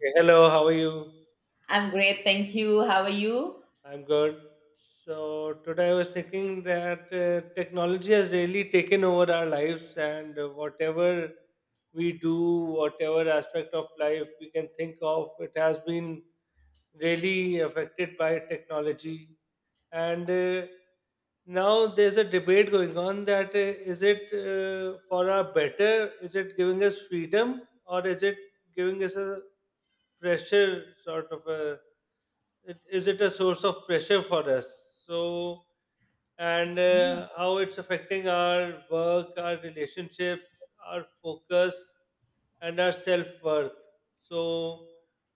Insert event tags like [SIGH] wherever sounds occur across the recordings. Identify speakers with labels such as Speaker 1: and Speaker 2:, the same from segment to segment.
Speaker 1: Hey, hello, how are you?
Speaker 2: I'm great, thank you. How are you?
Speaker 1: I'm good. So today I was thinking that technology has really taken over our lives, and whatever we do, whatever aspect of life we can think of, it has been really affected by technology. And Now there's a debate going on that is it for our better? Is it giving us freedom, or is it giving us a pressure, is it a source of pressure for us? So, and
Speaker 2: Yeah.
Speaker 1: how it's affecting our work, our relationships, our focus, and our self worth. So,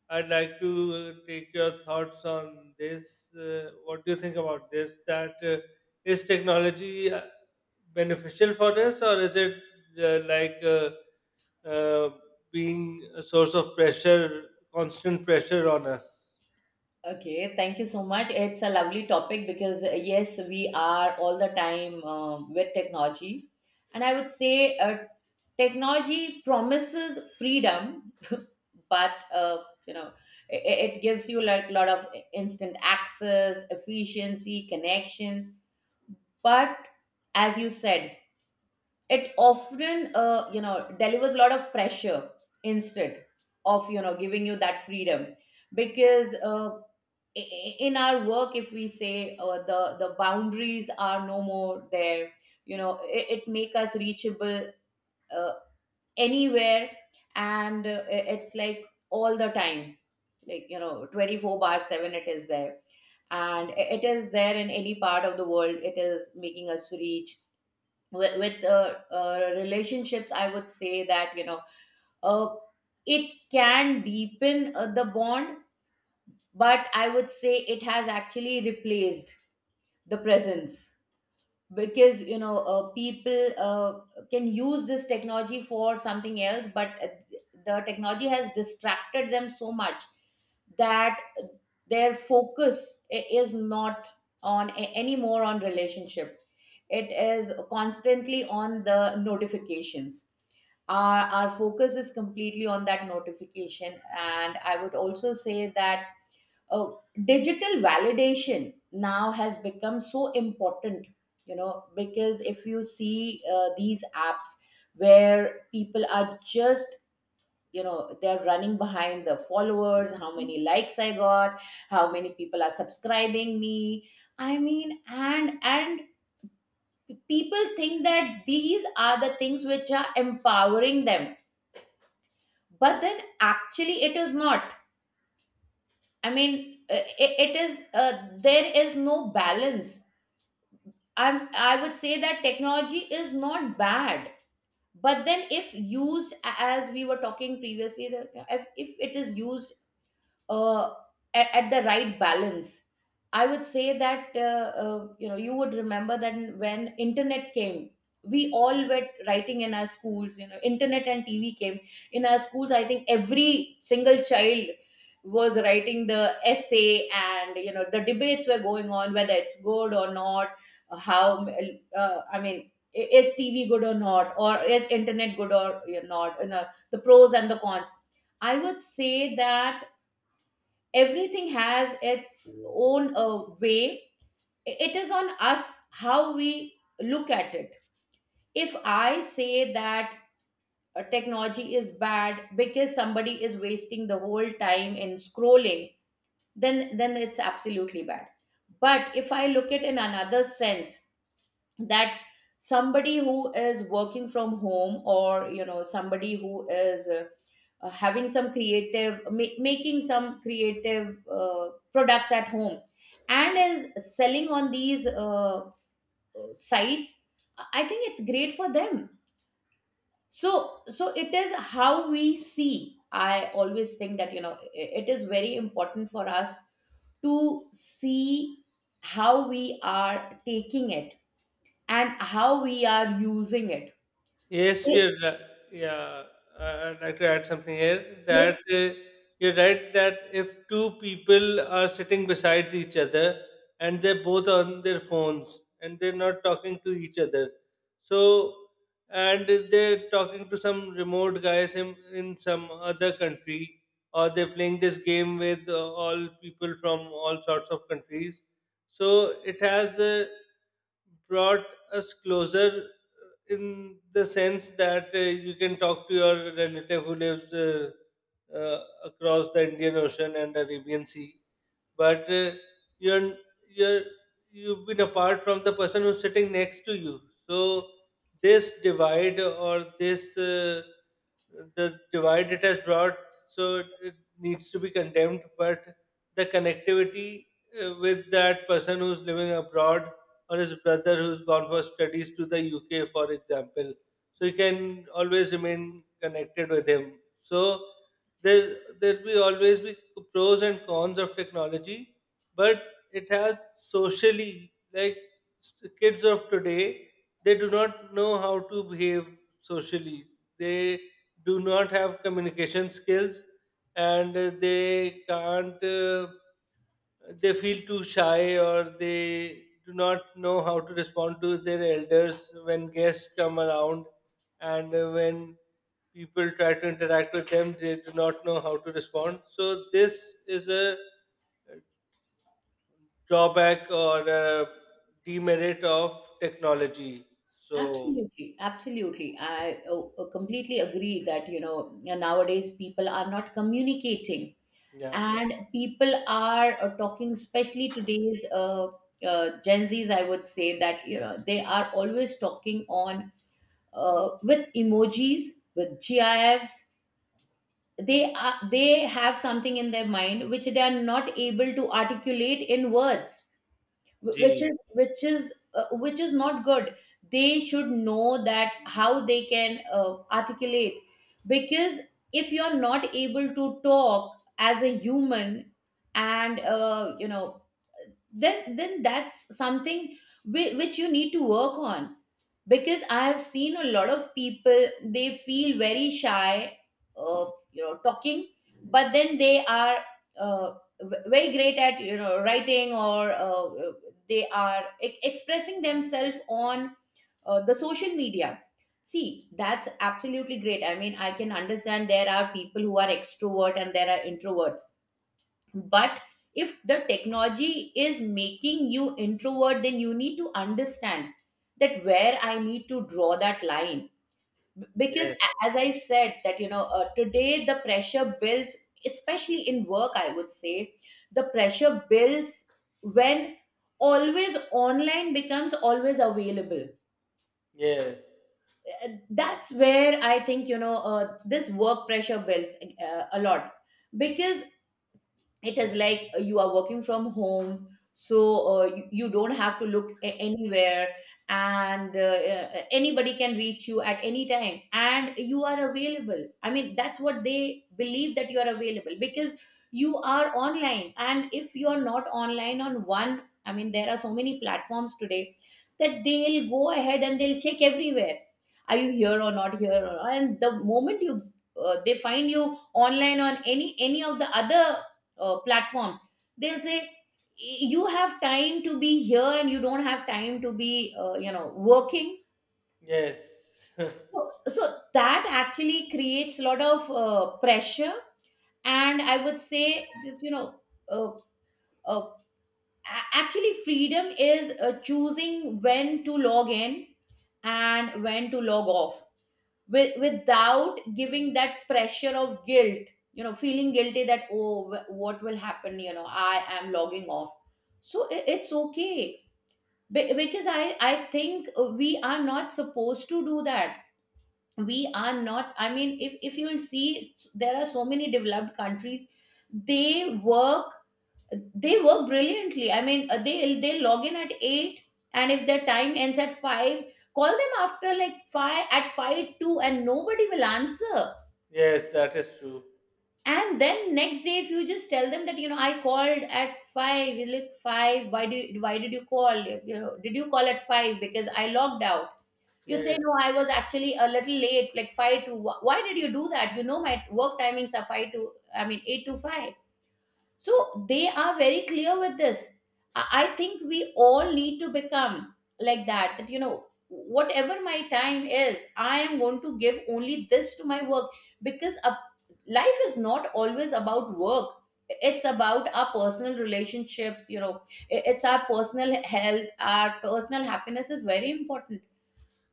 Speaker 1: I'd like to take your thoughts on this. What do you think about this? That is technology beneficial for us, or is it uh, like uh, uh, being a source of pressure, constant pressure on us?
Speaker 2: Okay, thank you so much. It's a lovely topic because, yes, we are all the time with technology. And I would say technology promises freedom, but, you know, it gives you a lot of instant access, efficiency, connections. But as you said, it often delivers a lot of pressure instead of giving you that freedom, because in our work, if we say the boundaries are no more there. It make us reachable uh, anywhere. And it's like all the time, like 24/7, it is there. And it is there in any part of the world, it is making us reach. With relationships, I would say that uh, it can deepen the bond. But I would say it has actually replaced the presence, because people can use this technology for something else, but the technology has distracted them so much that their focus is not on anymore on relationship. It is constantly on the notifications. Our focus is completely on that notification. And I would also say that uh, digital validation now has become so important, because if you see these apps, where people are just, they're running behind the followers. How many likes I got? How many people are subscribing me? I mean, and people think that these are the things which are empowering them, but then actually it is not. I mean, it, it is there is no balance. I would say that technology is not bad, but then if used, as we were talking previously, that if, it is used uh, at, the right balance, I would say that you would remember that when internet came, we all were writing in our schools. Internet and tv came in our schools. I think every single child was writing the essay, and the debates were going on whether it's good or not. How I mean, is tv good or not, or is internet good or not? The pros and the cons. I would say that everything has its own way. It is on us how we look at it. If I say that technology is bad because somebody is wasting the whole time in scrolling, then it's absolutely bad. But if I look at in another sense, that somebody who is working from home, or somebody who is having some creative making some creative products at home, and is selling on these sites, I think it's great for them. So it is how we see. I always think that it is very important for us to see how we are taking it and how we are using it.
Speaker 1: Yes,
Speaker 2: Yes.
Speaker 1: you're right. Yeah, I'd like to add something here that
Speaker 2: Yes,
Speaker 1: uh, you're right that if two people are sitting beside each other and they're both on their phones and they're not talking to each other, so and they're talking to some remote guys in some other country or they're playing this game with all people from all sorts of countries, so it has brought us closer in the sense that you can talk to your relative who lives uh, across the Indian Ocean and Arabian Sea, but you're you're you've been apart from the person who's sitting next to you. So this divide or this the divide it has brought, so it needs to be condemned. But the connectivity with that person who's living abroad or his brother who's gone for studies to the UK, for example. So you can always remain connected with him. So there will always be pros and cons of technology, but it has socially, like, kids of today, they do not know how to behave socially. They do not have communication skills, and they can't. They feel too shy, or they do not know how to respond to their elders when guests come around, and when people try to interact with them, they do not know how to respond. So this is a drawback or a demerit of technology. So
Speaker 2: absolutely, absolutely. I completely agree that, nowadays people are not communicating,
Speaker 1: yeah,
Speaker 2: and people are talking, especially today's Gen Zs. I would say that, they are always talking on with emojis, with GIFs. They are, they have something in their mind which they are not able to articulate in words,
Speaker 1: gee,
Speaker 2: which is not good. They should know that how they can articulate, because if you're not able to talk as a human, and then that's something which you need to work on. Because I have seen a lot of people, they feel very shy uh, talking, but then they are uh, very great at writing, or they are expressing themselves on the social media. See, that's absolutely great. I mean, I can understand there are people who are extrovert and there are introvert. But if the technology is making you introvert, then you need to understand that, where I need to draw that line. Because,
Speaker 1: yes,
Speaker 2: as I said, that today the pressure builds, especially in work, I would say. The pressure builds when always online becomes always available.
Speaker 1: yes,
Speaker 2: That's where I think, this work pressure builds a lot, because it is like you are working from home. So you don't have to look anywhere. And anybody can reach you at any time, and you are available. I mean, that's what they believe, that you are available because you are online. And if you are not online on one, I mean, there are so many platforms today that they'll go ahead and they'll check everywhere. Are you here or not here? Or, and the moment you they find you online on any of the other platforms, they'll say, you have time to be here, and you don't have time to be working.
Speaker 1: yes. [LAUGHS]
Speaker 2: So that actually creates a lot of pressure. And I would say, just, uh, uh, actually, freedom is choosing when to log in and when to log off, without giving that pressure of guilt. Feeling guilty that, oh, what will happen? I am logging off. So it's okay. Because I think we are not supposed to do that. We are not. I mean, if, you'll see, there are so many developed countries, they work. They work brilliantly. I mean, they log in at eight, and if their time ends at five, call them after like five, at five two, and nobody will answer.
Speaker 1: Yes, that is true.
Speaker 2: And then next day, if you just tell them that, I called at five, you look five. Why did you call? Did you call at five because I logged out? You say,
Speaker 1: Yes.
Speaker 2: no, I was actually a little late, like five to. Why did you do that? You know my work timings are five to. I mean eight to five. So they are very clear with this. I think we all need to become like that, that, whatever my time is, I am going to give only this to my work, because a, life is not always about work. It's about our personal relationships, it's our personal health, our personal happiness is very important.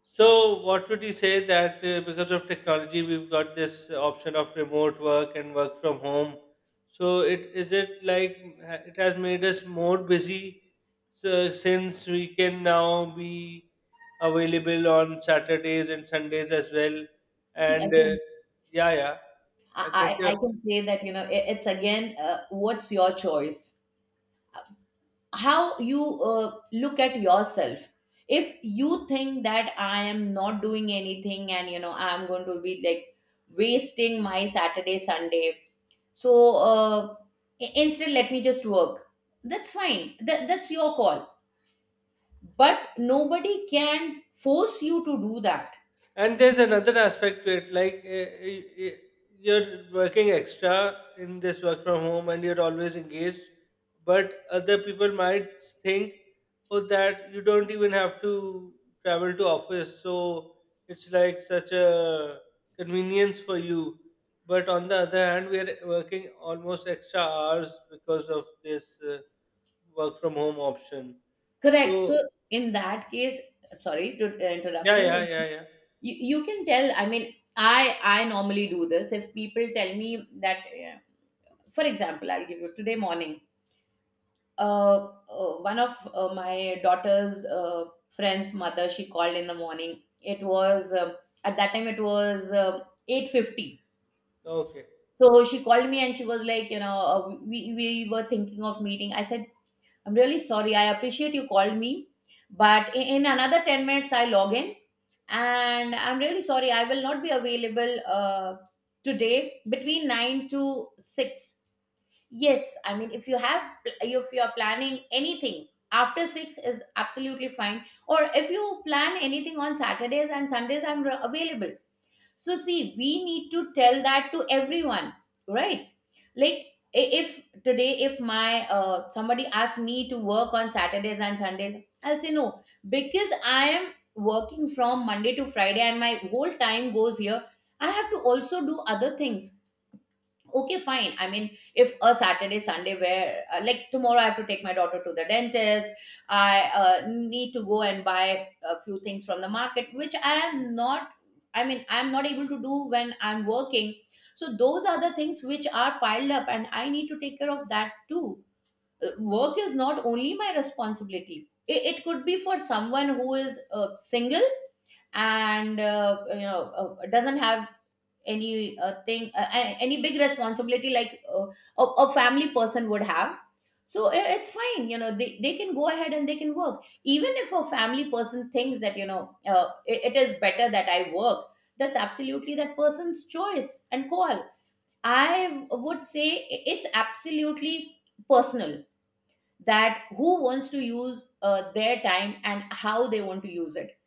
Speaker 1: So, what would you say that because of technology, we've got this option of remote work and work from home? So, it is it like it has made us more busy? So, since we can now be available on Saturdays and Sundays as well.
Speaker 2: See,
Speaker 1: And
Speaker 2: again,
Speaker 1: yeah, yeah, I get
Speaker 2: I
Speaker 1: your.
Speaker 2: can say that, it's again, what's your choice? How you look at yourself. If you think that I am not doing anything, and I'm going to be like wasting my saturday sunday, so instead, let me just work, that's fine. That's your call, but nobody can force you to do that.
Speaker 1: And there's another aspect to it, like, eh, you're working extra in this work from home and you're always engaged, but other people might think, oh, that you don't even have to travel to office, so it's like such a convenience for you. But on the other hand, we are working almost extra hours because of this work from home option.
Speaker 2: Correct. So,
Speaker 1: So
Speaker 2: in that case, sorry to
Speaker 1: yeah,
Speaker 2: interrupt you,
Speaker 1: yeah, yeah,
Speaker 2: but,
Speaker 1: yeah.
Speaker 2: you can tell. I mean, I normally do this. If people tell me that, yeah, for example, I'll give you. Today morning, uh, one of my daughter's friend's mother, she called in the morning. It was at that time, it was 8:50.
Speaker 1: Okay.
Speaker 2: So she called me, and she was like, we were thinking of meeting. I said, I'm really sorry, I appreciate you called me, but in, another 10 minutes I log in, and I'm really sorry, I will not be available today between 9 to 6. Yes, I mean, if you are planning anything after six is absolutely fine. Or if you plan anything on Saturdays and Sundays, I'm available. So, see, we need to tell that to everyone, right? Like, if today, if my somebody asks me to work on Saturdays and Sundays, I'll say no, because I am working from Monday to Friday, and my whole time goes here. I have to also do other things. Okay, fine, I mean, if a Saturday Sunday where, like tomorrow, I have to take my daughter to the dentist. I need to go and buy a few things from the market, which I am not, I mean, I'm not able to do when I'm working. So those are the things which are piled up, and I need to take care of that too. Work is not only my responsibility, it could be for someone who is single, and doesn't have any thing, any big responsibility like a family person would have. So it's fine, you know, they can go ahead and they can work, even if a family person thinks that it is better that I work. That's absolutely that person's choice and call. I would say it's absolutely personal, that who wants to use their time and how they want to use it.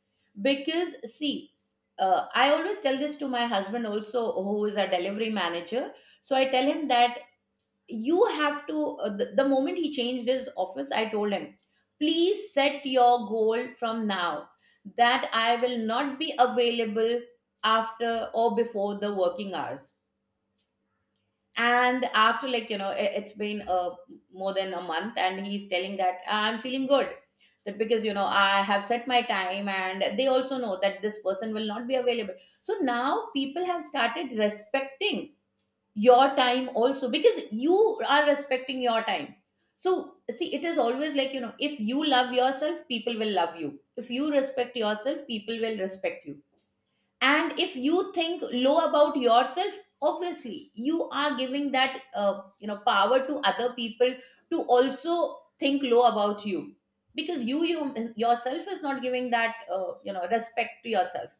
Speaker 2: Because see, I always tell this to my husband also, who is a delivery manager. So I tell him that, you have to the moment he changed his office, I told him, please set your goal from now, that I will not be available after or before the working hours. And after, like, you know, it's been more than a month, and he's telling that I'm feeling good, that because, you know, I have set my time, and they also know that this person will not be available. So now people have started respecting your time also, because you are respecting your time. So see, it is always, like, you know, if you love yourself, people will love you. If you respect yourself, people will respect you. And if you think low about yourself, obviously you are giving that power to other people to also think low about you, because you yourself is not giving that respect to yourself.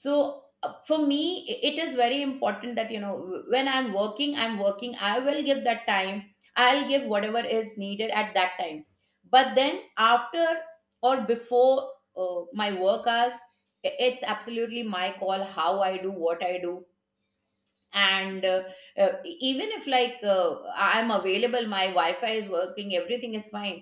Speaker 2: So for me, it is very important that, you know, when I'm working, I'm working. I will give that time, I'll give whatever is needed at that time. But then, after or before my work hours, it's absolutely my call how I do what I do. And even if, like, I'm available, my wi-fi is working, everything is fine,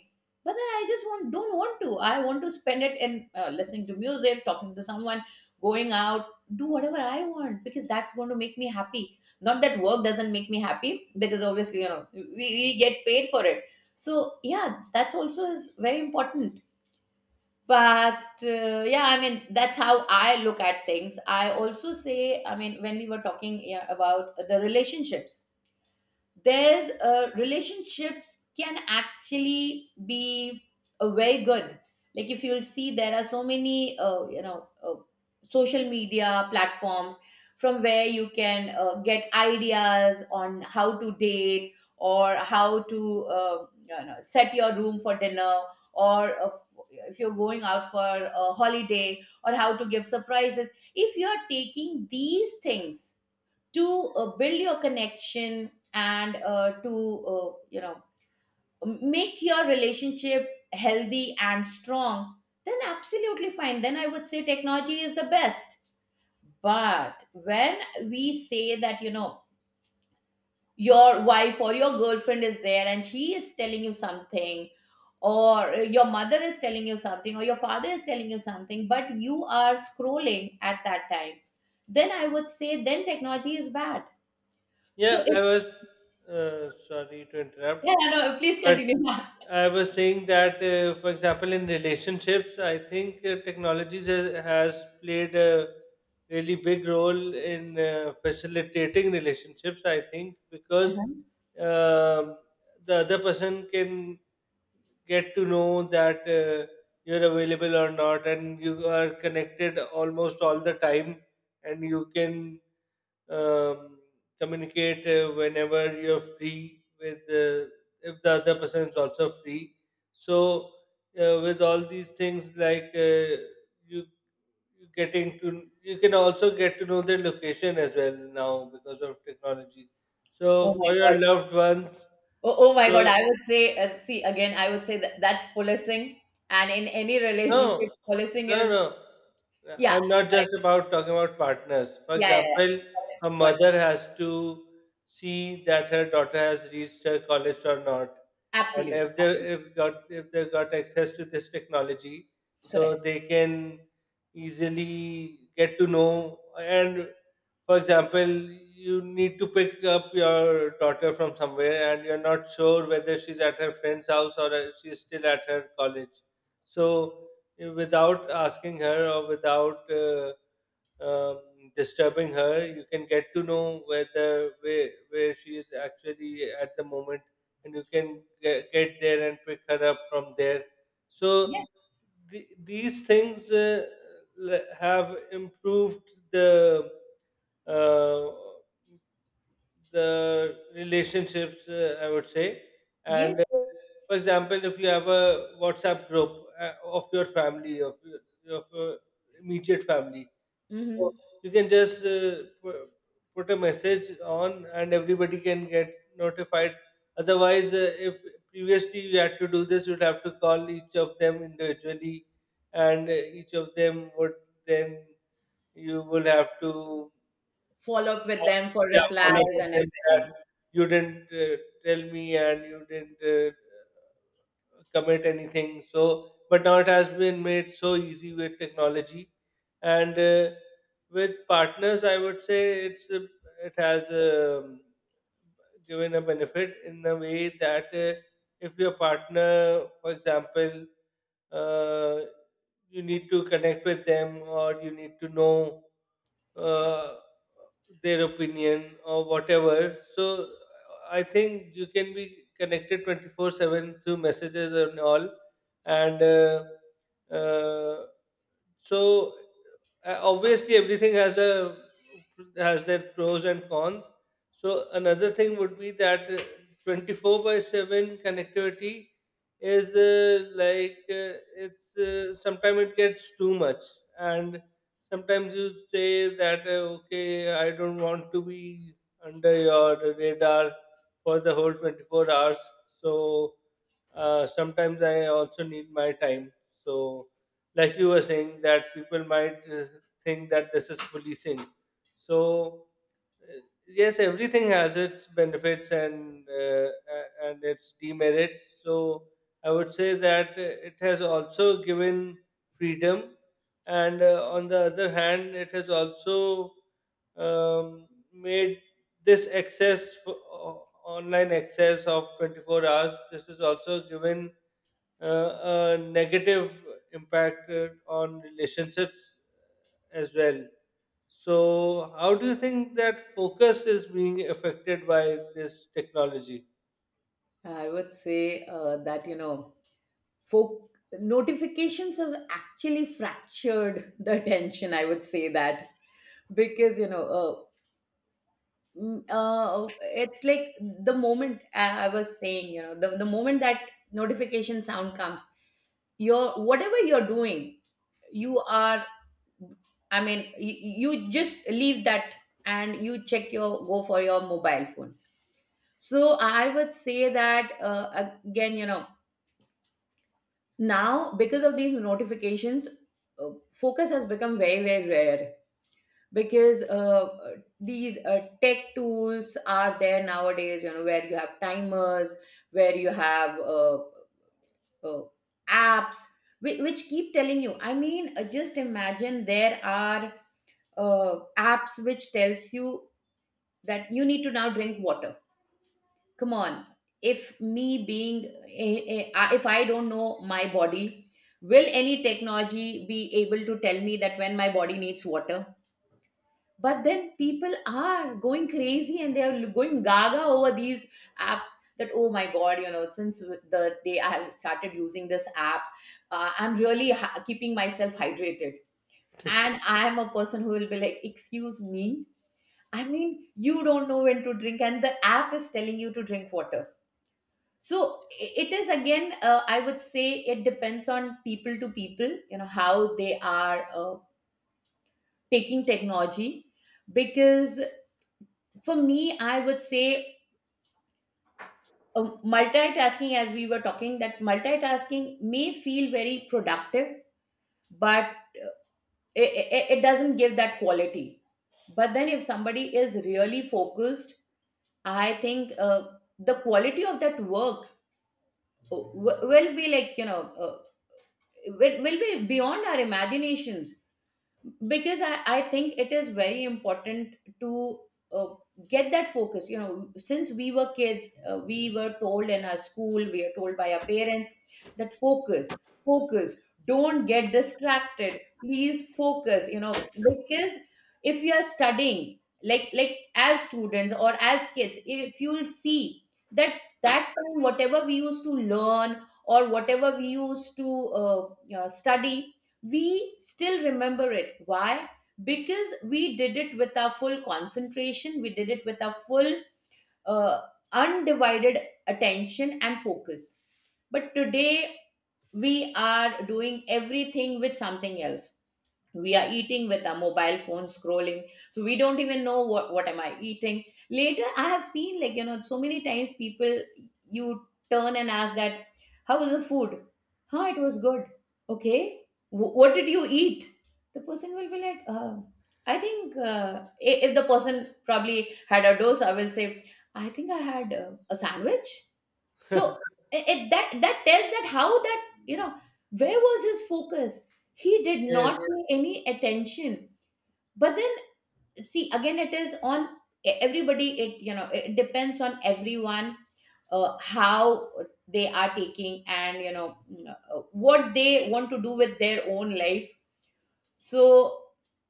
Speaker 2: but then I just want don't want to, I want to spend it in listening to music, talking to someone, going out, do whatever I want, because that's going to make me happy. Not that work doesn't make me happy, because obviously, you know, we get paid for it. So yeah, that's also is very important. But yeah, I mean, that's how I look at things. I also say, I mean, when we were talking, yeah, about the relationships, there's relationships can actually be very good. Like, if you'll see, there are so many social media platforms from where you can get ideas on how to date, or how to, you know, set your room for dinner, or if you're going out for a holiday, or how to give surprises. If you're taking these things to build your connection and to, you know, make your relationship healthy and strong, then absolutely fine, then I would say technology is the best. But when we say that, you know, your wife or your girlfriend is there and she is telling you something, or your mother is telling you something, or your father is telling you something, but you are scrolling at that time, then I would say then technology is bad. So
Speaker 1: Yeah, I
Speaker 2: it...
Speaker 1: was sorry to
Speaker 2: Yeah,
Speaker 1: interrupt,
Speaker 2: no, no, please
Speaker 1: but
Speaker 2: continue. [LAUGHS]
Speaker 1: I was saying that, for example, in relationships, I think technologies has played a really big role in facilitating relationships. I think because
Speaker 2: Uh-huh.
Speaker 1: um the other person can get to know that you're available or not, and you are connected almost all the time, and you can um, communicate whenever you're free, with if the other person is also free. So with all these things, like, you you getting to, you can also get to know their location as well now because of technology.
Speaker 2: Oh
Speaker 1: So
Speaker 2: my
Speaker 1: for
Speaker 2: God.
Speaker 1: your loved ones,
Speaker 2: Oh my
Speaker 1: so
Speaker 2: God. I would say, see, again, I would say that that's policing. And in any
Speaker 1: no,
Speaker 2: relationship, policing
Speaker 1: no,
Speaker 2: is,
Speaker 1: no.
Speaker 2: yeah,
Speaker 1: I'm not just
Speaker 2: correct.
Speaker 1: about talking about partners. For
Speaker 2: Yeah, yeah, yeah.
Speaker 1: example, a
Speaker 2: Got it.
Speaker 1: mother has to see that her daughter has reached her college or not, and
Speaker 2: Absolutely.
Speaker 1: if they've got access to this technology, so
Speaker 2: Correct.
Speaker 1: they can easily get to know. And for example, you need to pick up your daughter from somewhere, and you're not sure whether she's at her friend's house or she's still at her college. So without asking her or without disturbing her, you can get to know whether where she is actually at the moment, and you can get there and pick her up from there. So
Speaker 2: Yeah.
Speaker 1: these things have improved uh, the relationships, I would say.
Speaker 2: Yes.
Speaker 1: And for example, if you have a WhatsApp group of your family, of your immediate family, so
Speaker 2: Mm-hmm.
Speaker 1: you can just pu- put a message on, and everybody can get notified. Otherwise, if previously you had to do this, you'd have to call each of them individually, and each of them would then, you will have to,
Speaker 2: Follow up with them for
Speaker 1: yeah, follow
Speaker 2: replies and
Speaker 1: content that
Speaker 2: everything.
Speaker 1: you didn't tell me, and you didn't commit anything. So but now it has been made so easy with technology. And with partners, I would say it's it has given a benefit in the way that if your partner, for example, uh, you need to connect with them or you need to know uh, their opinion or whatever. So I think you can be connected 24 7 through messages and all. And so Obviously everything has a, has their pros and cons. So another thing would be that 24 by 7 connectivity is like it's sometimes it gets too much, and sometimes you say that okay, I don't want to be under your radar for the whole 24 hours. So sometimes I also need my time. So like you were saying that people might think that this is policing. So uh, yes, everything has its benefits and and its demerits. So I would say that it has also given freedom, and on the other hand, it has also made this online access of 24 hours. This is also given a negative impact on relationships as well. So, how do you think that focus is being affected by this technology?
Speaker 2: I would say that, you know, folk notifications have actually fractured the tension. I would say that because, you know, it's like the moment I was saying, you know, the moment that notification sound comes, your whatever you're doing, you are, I mean, you just leave that and you check your go for your mobile phones. So I would say that again, you know, now because of these notifications, focus has become very very rare, because these tech tools are there nowadays, you know, where you have timers, where you have uh, apps which keep telling you, I mean, just imagine, there are apps which tells you that you need to now drink water. Come on, if me being if I don't know my body, will any technology be able to tell me that when my body needs water? But then people are going crazy and they are going gaga over these apps, that oh my god, you know, since the day I have started using this app, I'm really keeping myself hydrated. And I am a person who will be like, excuse me, I mean, you don't know when to drink, and the app is telling you to drink water. So it is again, I would say, it depends on people to people, you know, how they are taking technology. Because for me, I would say, multitasking, as we were talking, that multitasking may feel very productive, but it, it doesn't give that quality. But then, if somebody is really focused, I think the quality of that work will be, like, you know, will be beyond our imaginations, because I think it is very important to uh, get that focus. You know, since we were kids, we were told in our school, we are told by our parents, that focus, focus, don't get distracted, please focus, you know, because if you are studying, like as students or as kids, if you'll see, that that time whatever we used to learn, or whatever we used to, you know, study, we still remember it. Why? Because we did it with our full concentration, we did it with our full uh, undivided attention and focus. But today, we are doing everything with something else. We are eating with a mobile phone scrolling, so we don't even know, what am I eating. Later, I have seen, like, you know, so many times, people, you turn and ask that, how was the food? Huh, it was good. Okay. What did you eat? The person will be like, I think, if the person probably had a dose, I will say, I think I had a sandwich. So that that tells that, how that, you know, where was his focus. He did not
Speaker 1: Yes.
Speaker 2: pay any attention. But then, see again, it is on everybody, it, you know, it depends on everyone, how they are taking, and, you know, what they want to do with their own life. So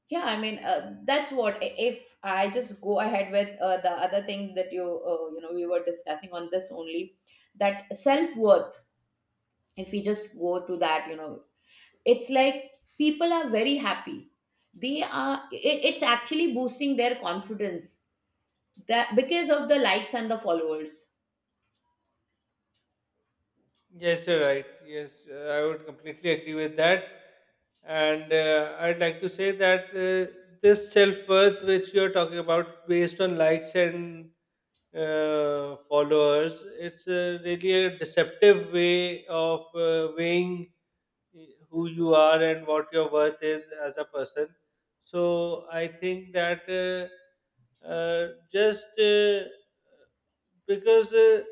Speaker 2: yeah, I mean, that's what, if I just go ahead with the other thing that you, you know, we were discussing on this only, that self worth, if we just go to that, you know, it's like people are very happy, they are, it's actually boosting their confidence, that because of the likes and the followers.
Speaker 1: Yes, you're right. Yes, I would completely agree with that. And I'd like to say that this self worth, which you're talking about, based on likes and followers, it's really a deceptive way of weighing who you are and what your worth is as a person. So I think that. Just because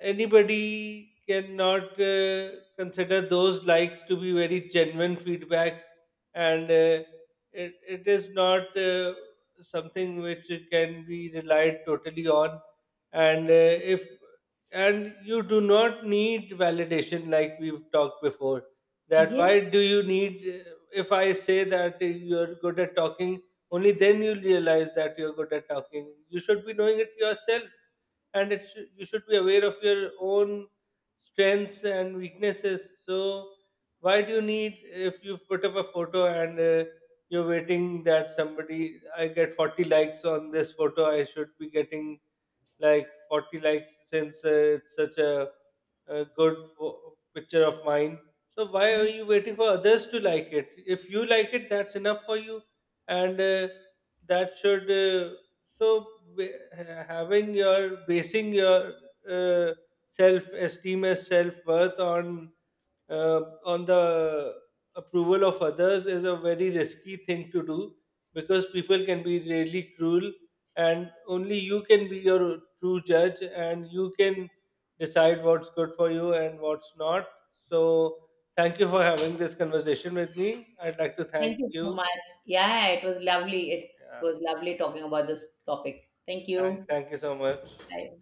Speaker 1: anybody cannot consider those likes to be very genuine feedback, and it is not something which can be relied totally on. And if, and you do not need validation, like we've talked before, that
Speaker 2: Yes,
Speaker 1: why do you need, if I say that you're good at talking, only then you'll realize that you're good at talking. You should be knowing it yourself, and you should be aware of your own strengths and weaknesses. So why do you need, if you put up a photo and you're waiting that somebody, I get 40 likes on this photo, I should be getting like 40 likes, since it's such a good picture of mine. So why are you waiting for others to like it? If you like it, that's enough for you, and that should. So ba- Having your, basing your uh, self esteem as self worth on the approval of others is a very risky thing to do, because people can be really cruel, and only you can be your true judge, and you can decide what's good for you and what's not. So thank you for having this conversation with me. I'd like to thank
Speaker 2: thank you so
Speaker 1: you.
Speaker 2: much. Yeah, it was lovely, it
Speaker 1: Yeah,
Speaker 2: was lovely talking about this topic. Thank you.
Speaker 1: thank you so much.
Speaker 2: Bye.